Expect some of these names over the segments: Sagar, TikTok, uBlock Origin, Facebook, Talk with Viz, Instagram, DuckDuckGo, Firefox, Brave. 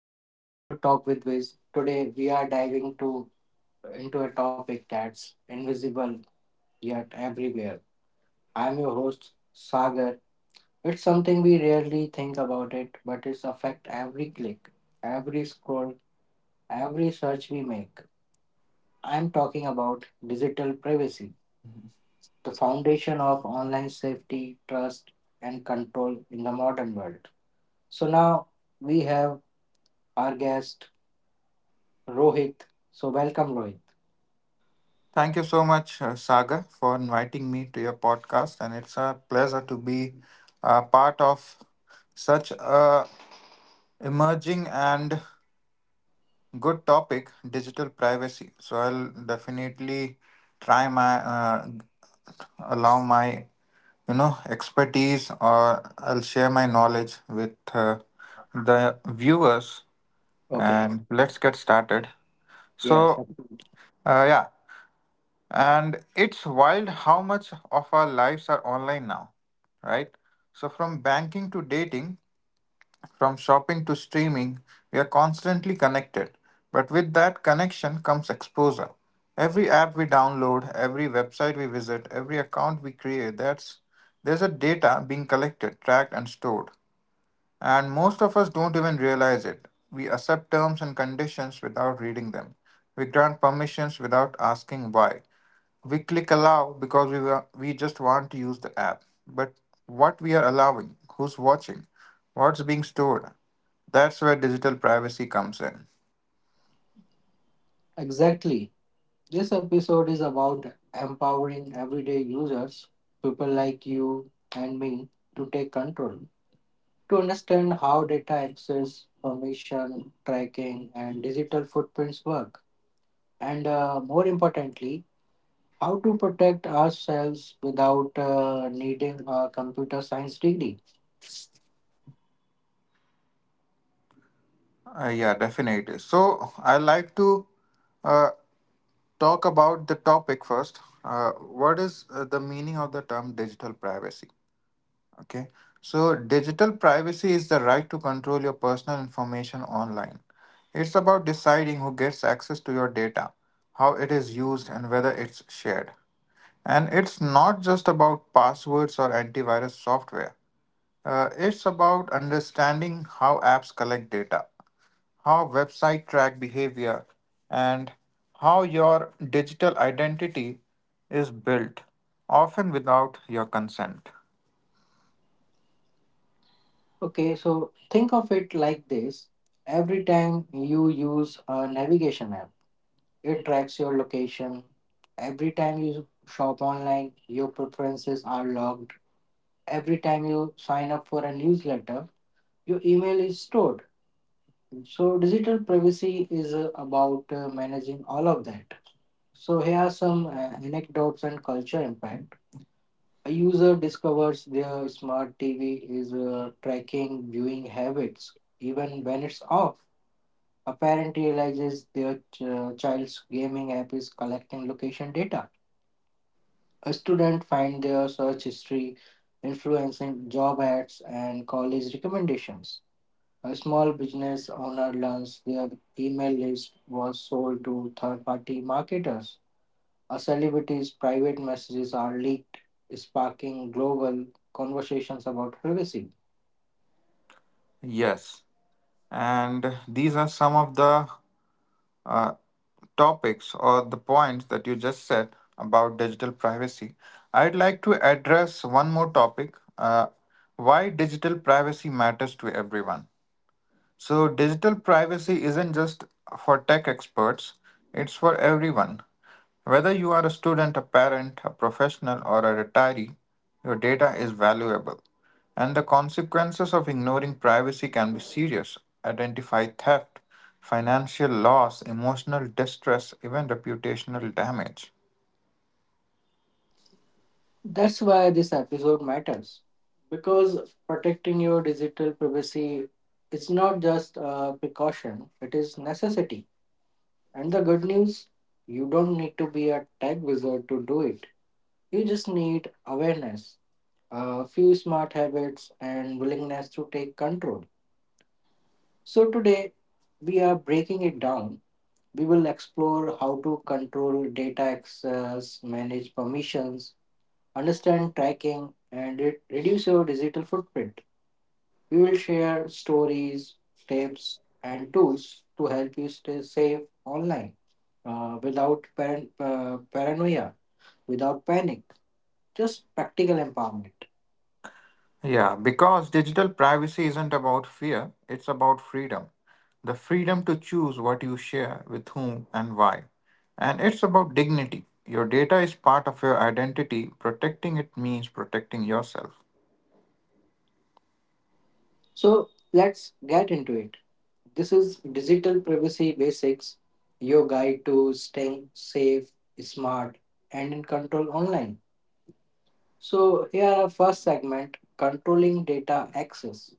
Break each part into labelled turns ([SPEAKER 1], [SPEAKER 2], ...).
[SPEAKER 1] Welcome back to Talk with Viz. Today we are diving to into a topic that's invisible yet everywhere. I'm your host Sagar. It's something we rarely think about it, but it's affect every click, every scroll, every search we make. I'm talking about digital privacy, the foundation of online safety, trust, and control in the modern world. So now we have our guest Rohit. So welcome Rohit.
[SPEAKER 2] Thank you so much, Sagar, for inviting me to your podcast, and it's a pleasure to be a part of such a emerging and good topic, digital privacy. So I'll definitely try my expertise, or I'll share my knowledge with the viewers,
[SPEAKER 1] Okay.
[SPEAKER 2] and let's get started.
[SPEAKER 1] Yes,
[SPEAKER 2] So uh, yeah, and it's wild how much of our lives are online now, right? So, from banking to dating, from shopping to streaming, we are constantly connected. But with that connection comes exposure. Every app we download, every website we visit, every account we create, there's a data being collected, tracked, and stored. And most of us don't even realize it. We accept terms and conditions without reading them. We grant permissions without asking why. We click allow because we just want to use the app. But what we are allowing, who's watching, what's being stored, that's where digital privacy comes in.
[SPEAKER 1] exactly. This episode is about empowering everyday users, people like you and me, to take control, to understand how data access, permission, tracking, and digital footprints work, and more importantly, how to protect ourselves without needing a computer science degree.
[SPEAKER 2] Yeah, definitely. So I like to uh, talk about the topic first. What is the meaning of the term digital privacy? Okay. So, digital privacy is the right to control your personal information online. It's about deciding who gets access to your data, how it is used, and whether it's shared. And it's not just about passwords or antivirus software. It's about understanding how apps collect data, how websites track behavior, and how your digital identity is built, often without your consent.
[SPEAKER 1] Okay, so think of it like this: every time you use a navigation app, it tracks your location. Every time you shop online, your preferences are logged. Every time you sign up for a newsletter, your email is stored. So, digital privacy is about managing all of that. So, here are some anecdotes and culture impact. A user discovers their smart TV is tracking viewing habits even when it's off. A parent realizes their child's gaming app is collecting location data. A student find their search history influencing job ads and college recommendations. A small business owner learns their email list was sold to third party marketers. A celebrity's private messages are leaked, sparking global conversations about privacy.
[SPEAKER 2] Yes. And these are some of the topics or the points that you just said about digital privacy. I'd like to address one more topic, why digital privacy matters to everyone. So, digital privacy isn't just for tech experts, it's for everyone. Whether you are a student, a parent, a professional, or a retiree, your data is valuable. And the consequences of ignoring privacy can be serious. Identify theft, financial loss, emotional distress, even reputational damage.
[SPEAKER 1] That's why this episode matters, because protecting your digital privacy is not just a precaution, it is necessity. And the good news, you don't need to be a tech wizard to do it. You just need awareness, a few smart habits, and willingness to take control. So, today we are breaking it down. We will explore how to control data access, manage permissions, understand tracking, and reduce your digital footprint. We will share stories, tips, and tools to help you stay safe online without paranoia, without panic, just practical empowerment.
[SPEAKER 2] Yeah, because digital privacy isn't about fear, it's about freedom. The freedom to choose what you share with whom and why. And it's about dignity. Your data is part of your identity. Protecting it means protecting yourself.
[SPEAKER 1] So let's get into it. This is Digital Privacy Basics, your guide to staying safe, smart, and in control online. So here our first segment, controlling data access.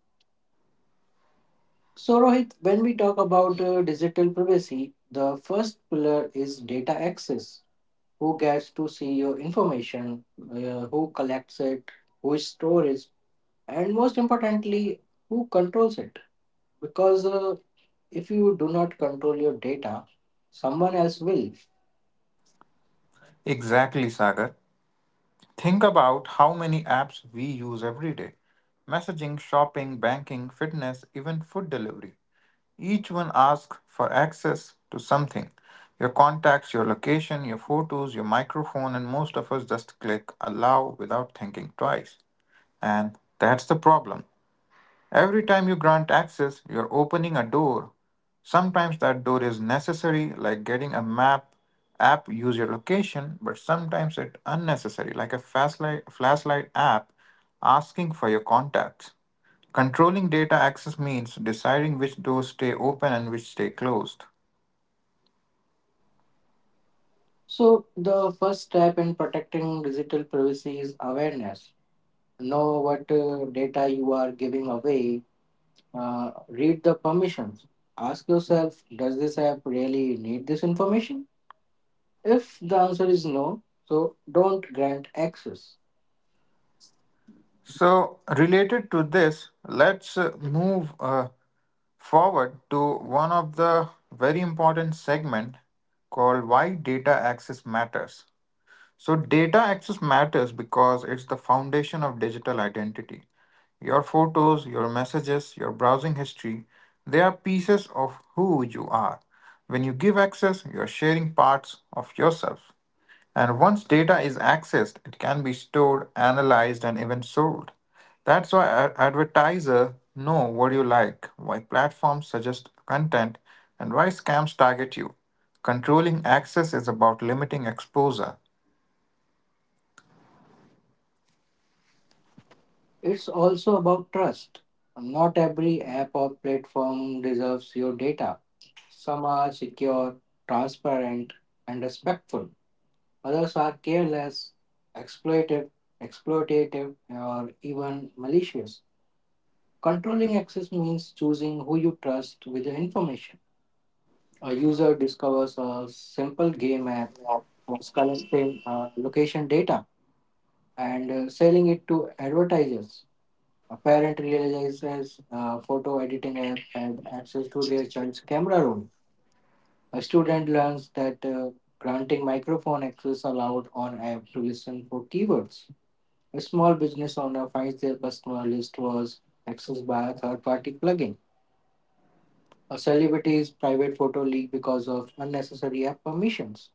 [SPEAKER 1] So Rohit, when we talk about digital privacy, the first pillar is data access. Who gets to see your information? Who collects it? Who stores, and most importantly, who controls it? Because if you do not control your data, someone else will.
[SPEAKER 2] Exactly, Sagar. Think about how many apps we use every day: messaging, shopping, banking, fitness, even food delivery. Each one asks for access to something: your contacts, your location, your photos, your microphone, and most of us just click allow without thinking twice. And that's the problem. Every time you grant access, you're opening a door. Sometimes that door is necessary, like getting a map app use your location, but sometimes it's unnecessary, like a flashlight app asking for your contacts. Controlling data access means deciding which doors stay open and which stay closed.
[SPEAKER 1] So the first step in protecting digital privacy is awareness. Know what data you are giving away. Read the permissions. Ask yourself, does this app really need this information? If the answer is no, so don't grant access.
[SPEAKER 2] So, related to this, let's move forward to one of the very important segment, called why data access matters. So, data access matters because it's the foundation of digital identity. Your photos, your messages, your browsing history, they are pieces of who you are. When you give access, you're sharing parts of yourself. And once data is accessed, it can be stored, analyzed, and even sold. That's why advertisers know what you like, why platforms suggest content, and why scams target you. Controlling access is about limiting exposure.
[SPEAKER 1] It's also about trust. Not every app or platform deserves your data. Some are secure, transparent, and respectful. Others are careless, exploitive, exploitative, or even malicious. Controlling access means choosing who you trust with the information. A user discovers a simple game app was collecting location data and selling it to advertisers. A parent realizes photo editing app had access to their child's camera roll. A student learns that granting microphone access allowed on app to listen for keywords. A small business owner finds their customer list was accessed by a third party plugin. A celebrity's private photo leaked because of unnecessary app permissions.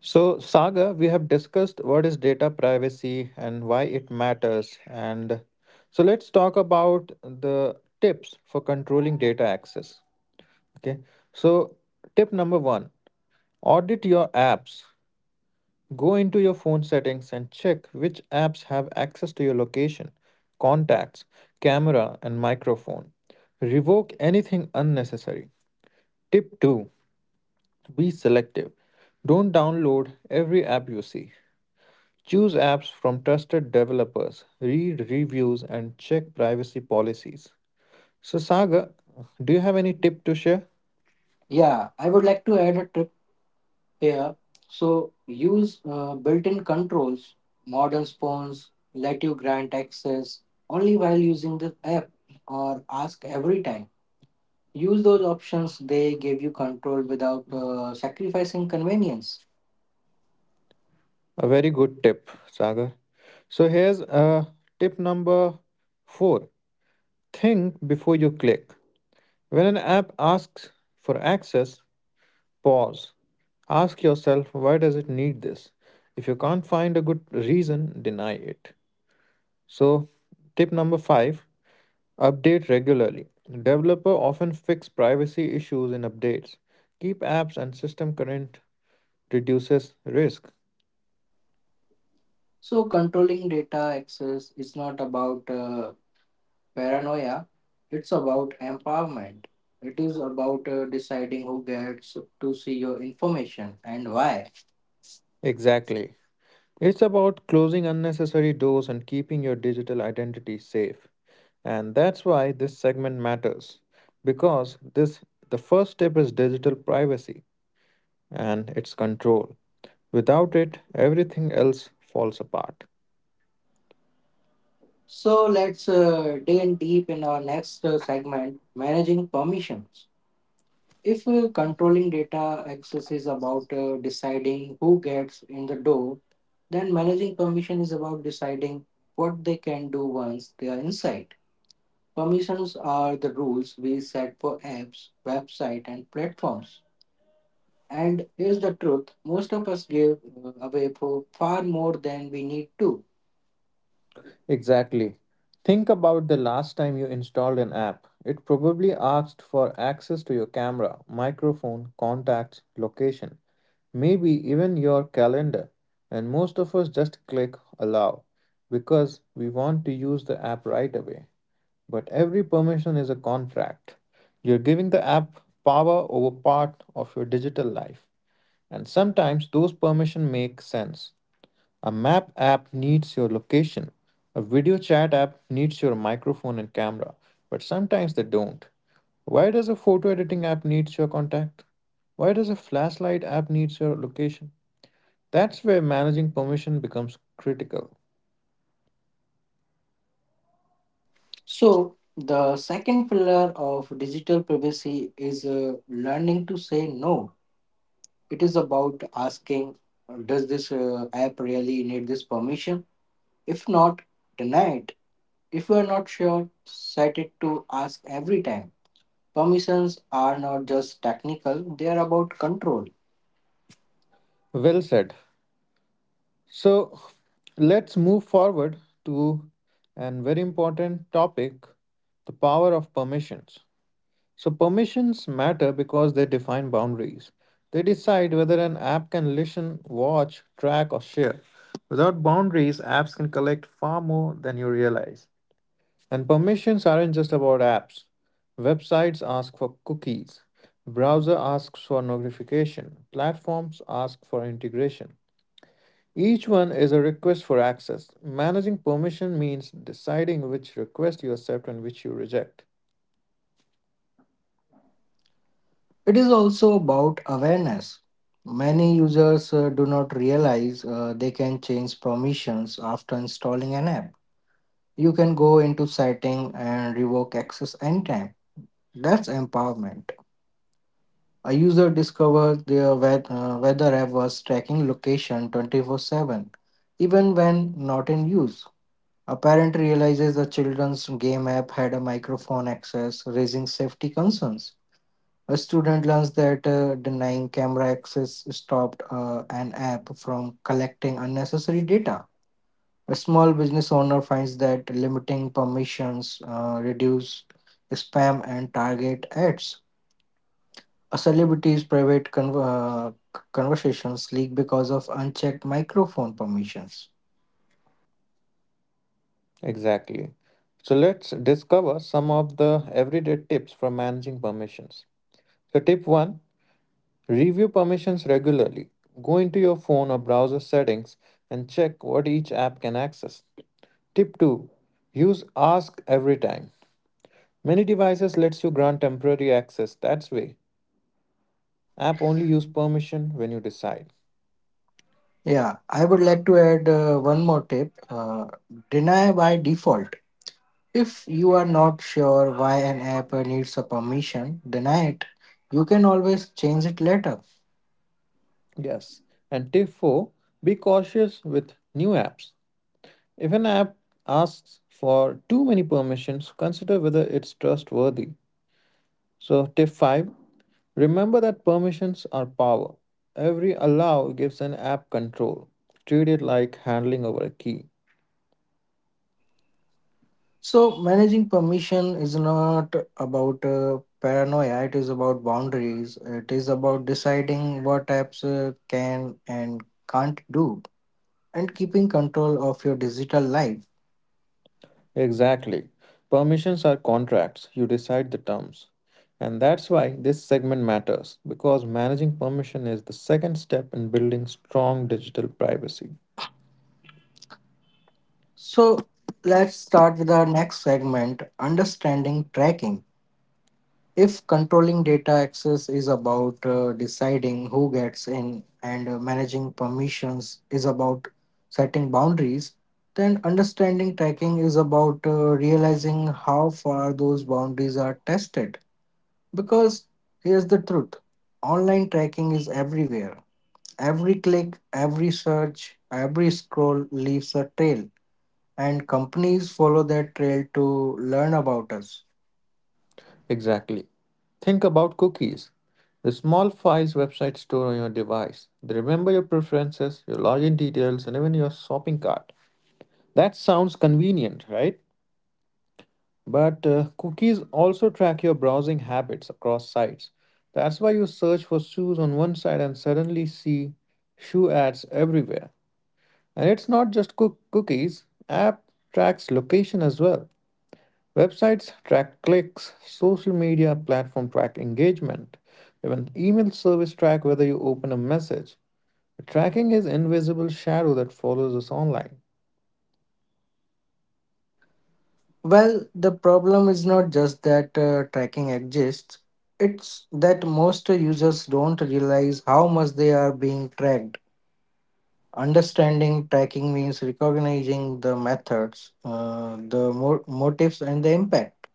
[SPEAKER 2] So, Saga, we have discussed what is data privacy and why it matters. And so, let's talk about the tips for controlling data access. Okay. So, tip number one: audit your apps. Go into your phone settings and check which apps have access to your location, contacts, camera, and microphone. Revoke anything unnecessary. Tip two: be selective. Don't download every app you see. Choose apps from trusted developers, read reviews, and check privacy policies. So, Sagar, do you have any tip to share?
[SPEAKER 1] Yeah, I would like to add a tip here. So use built-in controls. Modern phones let you grant access only while using the app or ask every time. Use those options, they give you control without sacrificing convenience.
[SPEAKER 2] A very good tip, Sagar. So, here's tip number four: think before you click. When an app asks for access, pause. Ask yourself, why does it need this? If you can't find a good reason, deny it. So, tip number five: update regularly. Developer often fix privacy issues in updates. Keep apps and system current reduces risk.
[SPEAKER 1] So controlling data access is not about paranoia, it's about empowerment. It is about deciding who gets to see your information and why.
[SPEAKER 2] Exactly. It's about closing unnecessary doors and keeping your digital identity safe. And that's why this segment matters, because this the first step is digital privacy and its control. Without it, everything else falls apart.
[SPEAKER 1] So let's dig in deep in our next segment, managing permissions. If controlling data access is about deciding who gets in the door, then managing permission is about deciding what they can do once they are inside. Permissions are the rules we set for apps, website, and platforms. And here's the truth, most of us give away for far more than we need to.
[SPEAKER 2] Exactly. Think about the last time you installed an app. It probably asked for access to your camera, microphone, contacts, location, maybe even your calendar. And most of us just click allow because we want to use the app right away. But every permission is a contract. You're giving the app power over part of your digital life. And sometimes those permissions make sense. A map app needs your location. A video chat app needs your microphone and camera, but sometimes they don't. Why does a photo editing app needs your contact? Why does a flashlight app needs your location? That's where managing permission becomes critical.
[SPEAKER 1] So, the second pillar of digital privacy is learning to say no. It is about asking, does this app really need this permission? If not, deny it. If you are not sure, set it to ask every time. Permissions are not just technical, they are about control.
[SPEAKER 2] Well said. So, let's move forward to an very important topic, the power of permissions. So, permissions matter because they define boundaries. They decide whether an app can listen, watch, track, or share. Without boundaries, apps can collect far more than you realize. And permissions aren't just about apps. Websites ask for cookies, browser asks for notification, platforms ask for integration. Each one is a request for access. Managing permission means deciding which request you accept and which you reject.
[SPEAKER 1] It is also about awareness. Many users do not realize they can change permissions after installing an app. You can go into setting and revoke access anytime. That's empowerment. A user discovers their weather app was tracking location 24/7 even when not in use. A parent realizes the children's game app had a microphone access, raising safety concerns. A student learns that denying camera access stopped an app from collecting unnecessary data. A small business owner finds that limiting permissions reduce spam and target ads. A celebrity's private conversations leak because of unchecked microphone permissions.
[SPEAKER 2] Exactly. So let's discover some of the everyday tips for managing permissions. So, tip one: review permissions regularly. Go into your phone or browser settings and check what each app can access. Tip two: use ask every time. Many devices lets you grant temporary access. That's way app only use permission when you decide.
[SPEAKER 1] Yeah, I would like to add one more tip, deny by default. If you are not sure why an app needs a permission, deny it. You can always change it later.
[SPEAKER 2] Yes. And tip 4: be cautious with new apps. If an app asks for too many permissions, consider whether it's trustworthy. So, tip 5: remember that permissions are power. Every allow gives an app control. Treat it like handling over a key.
[SPEAKER 1] So, managing permission is not about paranoia, it is about boundaries, it is about deciding what apps can and can't do, and keeping control of your digital life.
[SPEAKER 2] Exactly. Permissions are contracts, you decide the terms. And that's why this segment matters, because managing permission is the second step in building strong digital privacy.
[SPEAKER 1] So, let's start with our next segment, understanding tracking. If controlling data access is about deciding who gets in and managing permissions is about setting boundaries, then understanding tracking is about realizing how far those boundaries are tested. Because here's the truth, online tracking is everywhere. Every click, every search, every scroll leaves a trail, and companies follow that trail to learn about us.
[SPEAKER 2] Exactly. Think about cookies. The small files websites store on your device. They remember your preferences, your login details, and even your shopping cart. That sounds convenient, right? But cookies also track your browsing habits across sites. That's why you search for shoes on one site and suddenly see shoe ads everywhere. And it's not just cookies, app tracks location as well. Websites track clicks, social media platform track engagement, even email service track whether you open a message. Tracking is invisible shadow that follows us online.
[SPEAKER 1] Well, the problem is not just that tracking exists, it's that most users don't realize how much they are being tracked. Understanding tracking means recognizing the methods, the motives, and the impact.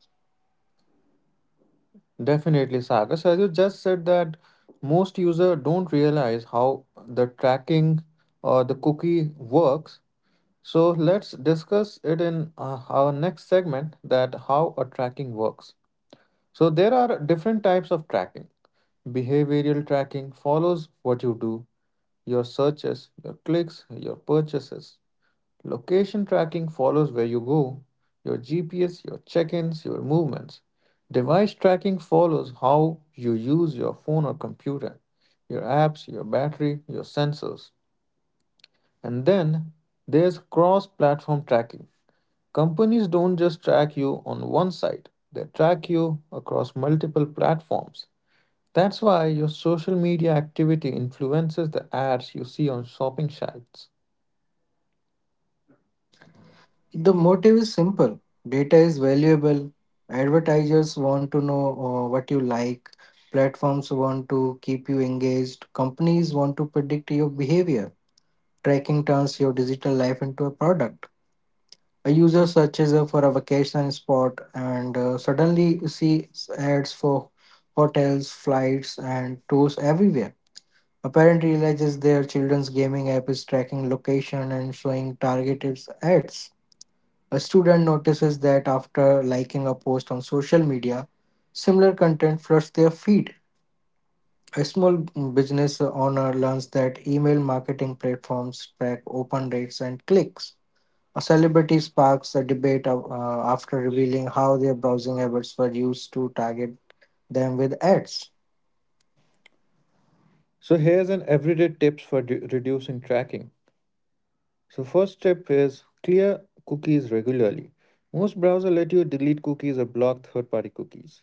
[SPEAKER 2] Definitely, Sagar. So as you just said that most users don't realize how the tracking or the cookie works. So let's discuss it in our next segment, that how a tracking works. So there are different types of tracking. Behavioral tracking follows what you do: your searches, your clicks, your purchases. Location tracking follows where you go, your GPS, your check ins, your movements. Device tracking follows how you use your phone or computer, your apps, your battery, your sensors. And then there's cross platform tracking. Companies don't just track you on one site, they track you across multiple platforms. That's why your social media activity influences the ads you see on shopping sites.
[SPEAKER 1] The motive is simple, data is valuable, advertisers want to know what you like, platforms want to keep you engaged, companies want to predict your behavior. Tracking turns your digital life into a product. A user searches for a vacation spot and suddenly sees ads for hotels, flights, and tours everywhere. A parent realizes their children's gaming app is tracking location and showing targeted ads. A student notices that after liking a post on social media, similar content floods their feed. A small business owner learns that email marketing platforms track open rates and clicks. A celebrity sparks a debate after revealing how their browsing habits were used to target them with ads.
[SPEAKER 2] So here's an everyday tips for reducing tracking. So first tip is clear cookies regularly. Most browser let you delete cookies or block third-party cookies.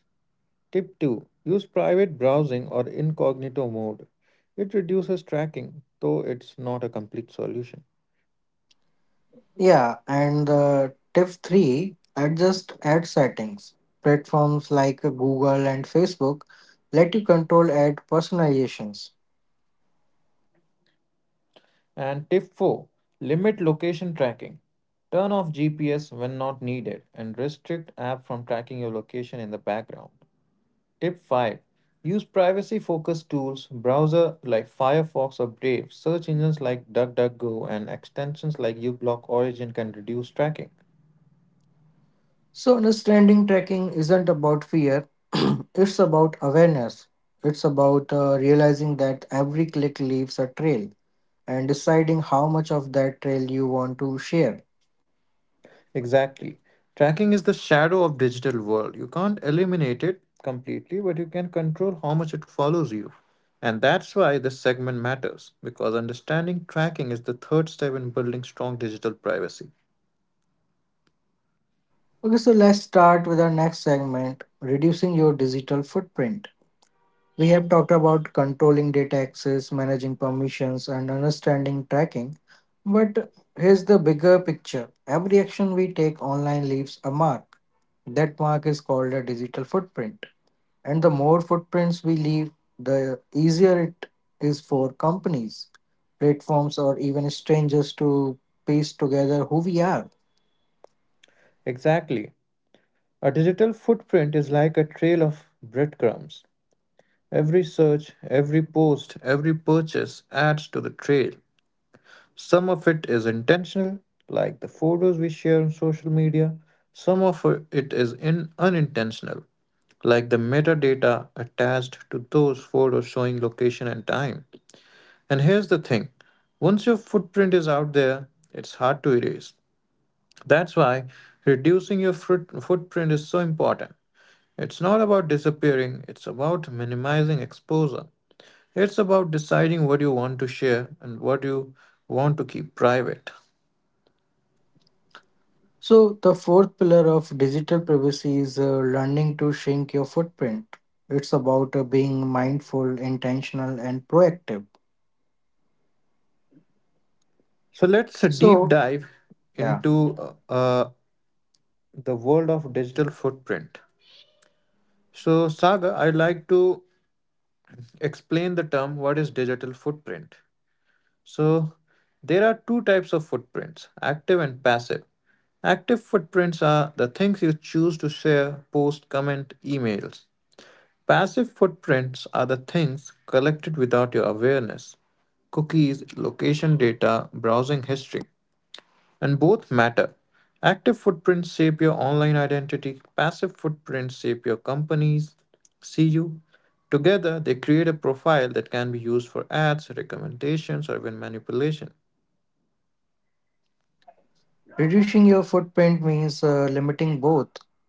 [SPEAKER 2] Tip 2, use private browsing or incognito mode. It reduces tracking, though it's not a complete solution.
[SPEAKER 1] Yeah, and tip three, adjust ad settings. Platforms like Google and Facebook let you control ad personalizations.
[SPEAKER 2] And tip 4, limit location tracking. Turn off GPS when not needed and restrict app from tracking your location in the background. Tip 5: use privacy focused tools, browser like Firefox or Brave, search engines like DuckDuckGo, and extensions like uBlock Origin can reduce tracking.
[SPEAKER 1] So, understanding tracking isn't about fear, it's about awareness. It's about realizing that every click leaves a trail and deciding how much of that trail you want to share.
[SPEAKER 2] Exactly. Tracking is the shadow of digital world. You can't eliminate it completely, but you can control how much it follows you. And that's why this segment matters, because understanding tracking is the third step in building strong digital privacy.
[SPEAKER 1] Okay, so let's start with our next segment, reducing your digital footprint. We have talked about controlling data access, managing permissions, and understanding tracking. But here's the bigger picture, every action we take online leaves a mark. That mark is called a digital footprint. And the more footprints we leave, the easier it is for companies, platforms, or even strangers to piece together who we are.
[SPEAKER 2] Exactly. A digital footprint is like a trail of breadcrumbs. Every search, every post, every purchase adds to the trail. Some of it is intentional, like the photos we share on social media. Some of it is in unintentional, like the metadata attached to those photos showing location and time. And here's the thing, once your footprint is out there, it's hard to erase. That's why reducing your fruit footprint is so important. It's not about disappearing, it's about minimizing exposure. It's about deciding what you want to share and what you want to keep private.
[SPEAKER 1] So, the fourth pillar of digital privacy is learning to shrink your footprint. It's about being mindful, intentional, and proactive.
[SPEAKER 2] So let's deep
[SPEAKER 1] So,
[SPEAKER 2] dive
[SPEAKER 1] yeah,
[SPEAKER 2] into the world of digital footprint. So, Saga, I'd like to explain the term what is digital footprint. So, there are two types of footprints, active and passive. Active footprints are the things you choose to share, post, comment, emails. Passive footprints are the things collected without your awareness: cookies, location data, browsing history, and both matter. Active footprints shape your online identity, passive footprints shape your companies. See you. Together, they create a profile that can be used for ads, recommendations, or even manipulation.
[SPEAKER 1] reducing your footprint means limiting both,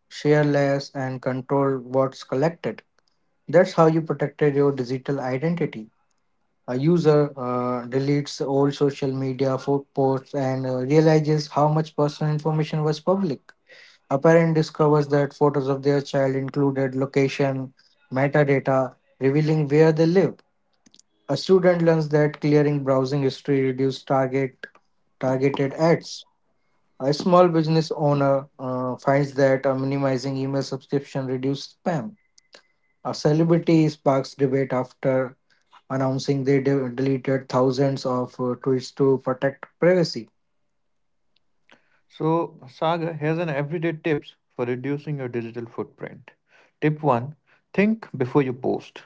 [SPEAKER 1] share less and control what's collected. That's how you protected your digital identity. A user deletes old social media posts and realizes how much personal information was public. A parent discovers that photos of their child included location, metadata, revealing where they lived. A student learns that clearing browsing history reduces targeted ads. A small business owner finds that minimizing email subscription reduces spam. A celebrity sparks debate after announcing they deleted thousands of tweets to protect privacy.
[SPEAKER 2] So, Sagar, has an everyday tips for reducing your digital footprint. Tip 1: think before you post.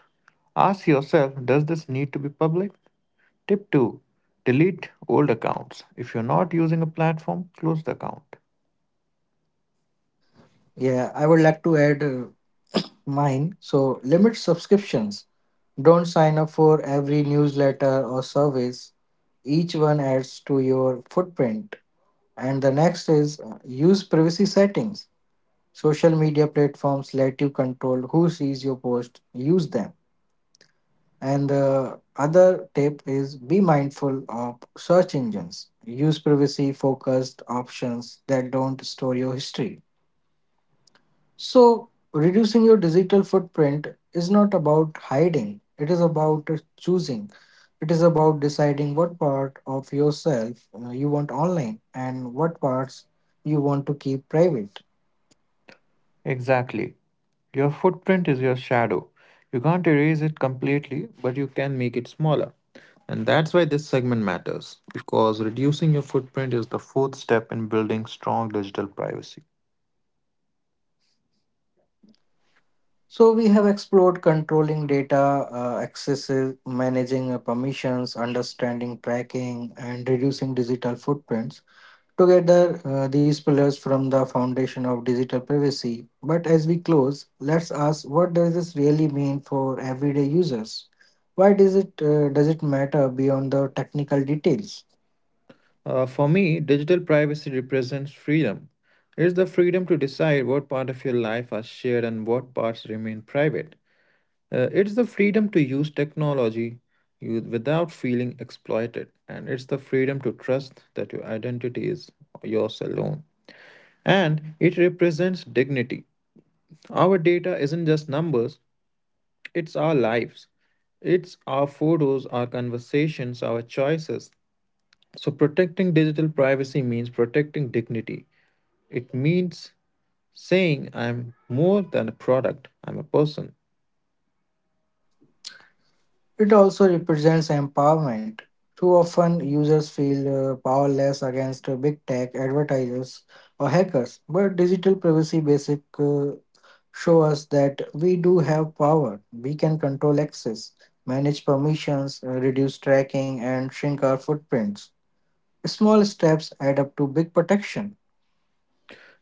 [SPEAKER 2] Ask yourself, does this need to be public? Tip 2: delete old accounts. If you're not using a platform, close the account.
[SPEAKER 1] Yeah, I would like to add mine. So, limit subscriptions. Don't sign up for every newsletter or surveys. Each one adds to your footprint. And the next is use privacy settings. Social media platforms let you control who sees your post, use them. And the other tip is be mindful of search engines. Use privacy focused options that don't store your history. So, reducing your digital footprint is not about hiding, it is about choosing. It is about deciding what part of yourself you want online and what parts you want to keep private.
[SPEAKER 2] Exactly. Your footprint is your shadow. You can't erase it completely, but you can make it smaller. And that's why this segment matters, because reducing your footprint is the fourth step in building strong digital privacy.
[SPEAKER 1] So, we have explored controlling data, accesses, managing permissions, understanding tracking, and reducing digital footprints. Together, these pillars form the foundation of digital privacy. But as we close, let's ask, what does this really mean for everyday users? Why does it does it matter beyond the technical details?
[SPEAKER 2] For me, digital privacy represents freedom. It is the freedom to decide what part of your life are shared and what parts remain private. It's the freedom to use technology without feeling exploited, and it's the freedom to trust that your identity is yours alone. And it represents dignity. Our data isn't just numbers, it's our lives. It's our photos, our conversations, our choices. So, protecting digital privacy means protecting dignity. It means saying, I'm more than a product, I'm a person.
[SPEAKER 1] It also represents empowerment. Too often, users feel powerless against big tech, advertisers, or hackers, but digital privacy basic show us that we do have power. We can control access, manage permissions, reduce tracking, and shrink our footprints. Small steps add up to big protection.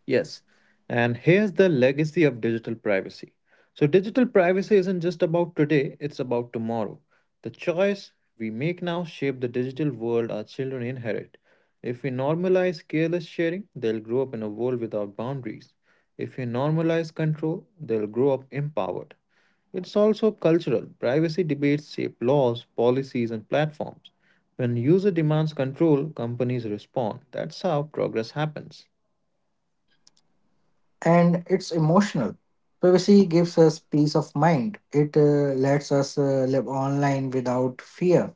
[SPEAKER 2] Yes, and here's the legacy of digital privacy. So, digital privacy isn't just about today, it's about tomorrow. The choice we make now shape the digital world our children inherit. If we normalize careless sharing, they'll grow up in a world without boundaries. If we normalize control, they'll grow up empowered. It's also cultural. Privacy debates shape laws, policies, and platforms. When user demands control, companies respond. That's how progress happens.
[SPEAKER 1] And it's emotional. Privacy gives us peace of mind. It lets us live online without fear.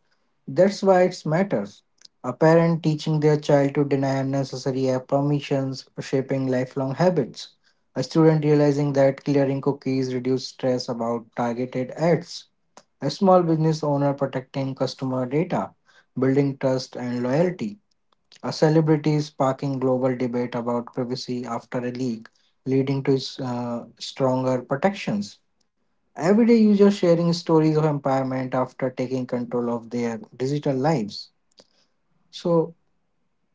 [SPEAKER 1] That's why it matters. A parent teaching their child to deny unnecessary app permissions, shaping lifelong habits. A student realizing that clearing cookies reduces stress about targeted ads. A small business owner protecting customer data, building trust and loyalty. A celebrity is sparking global debate about privacy after a leak, leading to stronger protections. Everyday users sharing stories of empowerment after taking control of their digital lives. So,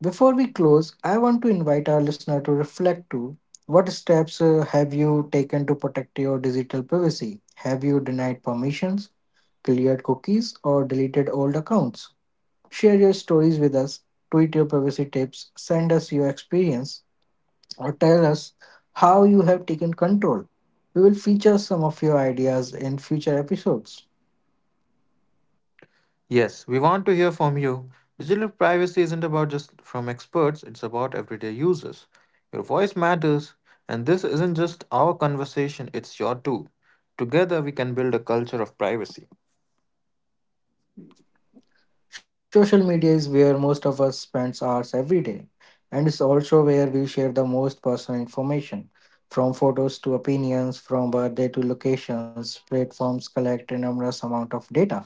[SPEAKER 1] before we close, I want to invite our listener to reflect to what steps have you taken to protect your digital privacy? Have you denied permissions, cleared cookies, or deleted old accounts? Share your stories with us, tweet your privacy tips, send us your experience, or tell us how you have taken control. We will feature some of your ideas in future episodes.
[SPEAKER 2] Yes, we want to hear from you. Digital privacy isn't about just from experts, it's about everyday users. Your voice matters, and this isn't just our conversation, it's your too. Together, we can build a culture of privacy.
[SPEAKER 1] Social media is where most of us spends hours every day, and it's also where we share the most personal information. From photos to opinions, from birthday to locations, platforms collect enormous amount of data.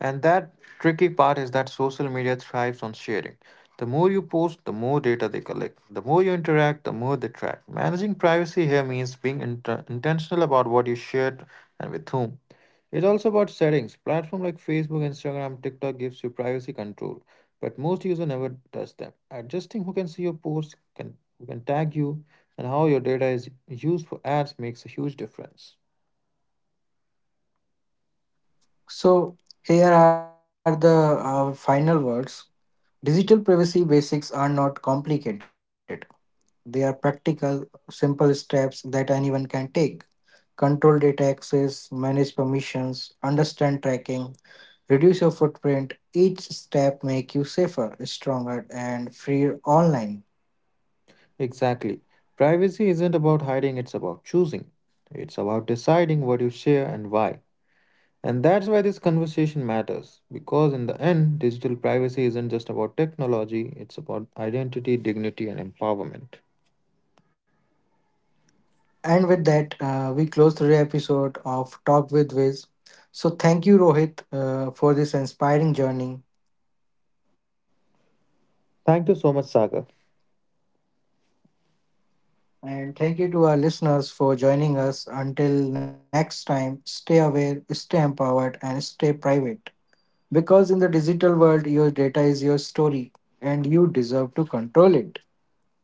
[SPEAKER 2] And that tricky part is that social media thrives on sharing. The more you post, the more data they collect. The more you interact, the more they track. Managing privacy here means being intentional about what you shared and with whom. It's also about settings. Platform like Facebook, Instagram, TikTok gives you privacy control, but most user never does them. Adjusting who can see your posts, can who can tag you, and how your data is used for ads makes a huge difference.
[SPEAKER 1] So here are the final words. Digital privacy basics are not complicated. They are practical, simple steps that anyone can take. Control data access, manage permissions, understand tracking, reduce your footprint. Each step make you safer, stronger, and freer online.
[SPEAKER 2] Exactly. Privacy isn't about hiding, it's about choosing. It's about deciding what you share and why. And that's why this conversation matters, because in the end, digital privacy isn't just about technology, it's about identity, dignity, and empowerment.
[SPEAKER 1] And with that, we close the episode of Talk with Wiz. So thank you, Rohit, for this inspiring journey.
[SPEAKER 2] Thank you so much, Sagar.
[SPEAKER 1] And thank you to our listeners for joining us. Until next time, stay aware, stay empowered, and stay private. Because in the digital world, your data is your story and you deserve to control it. Bye.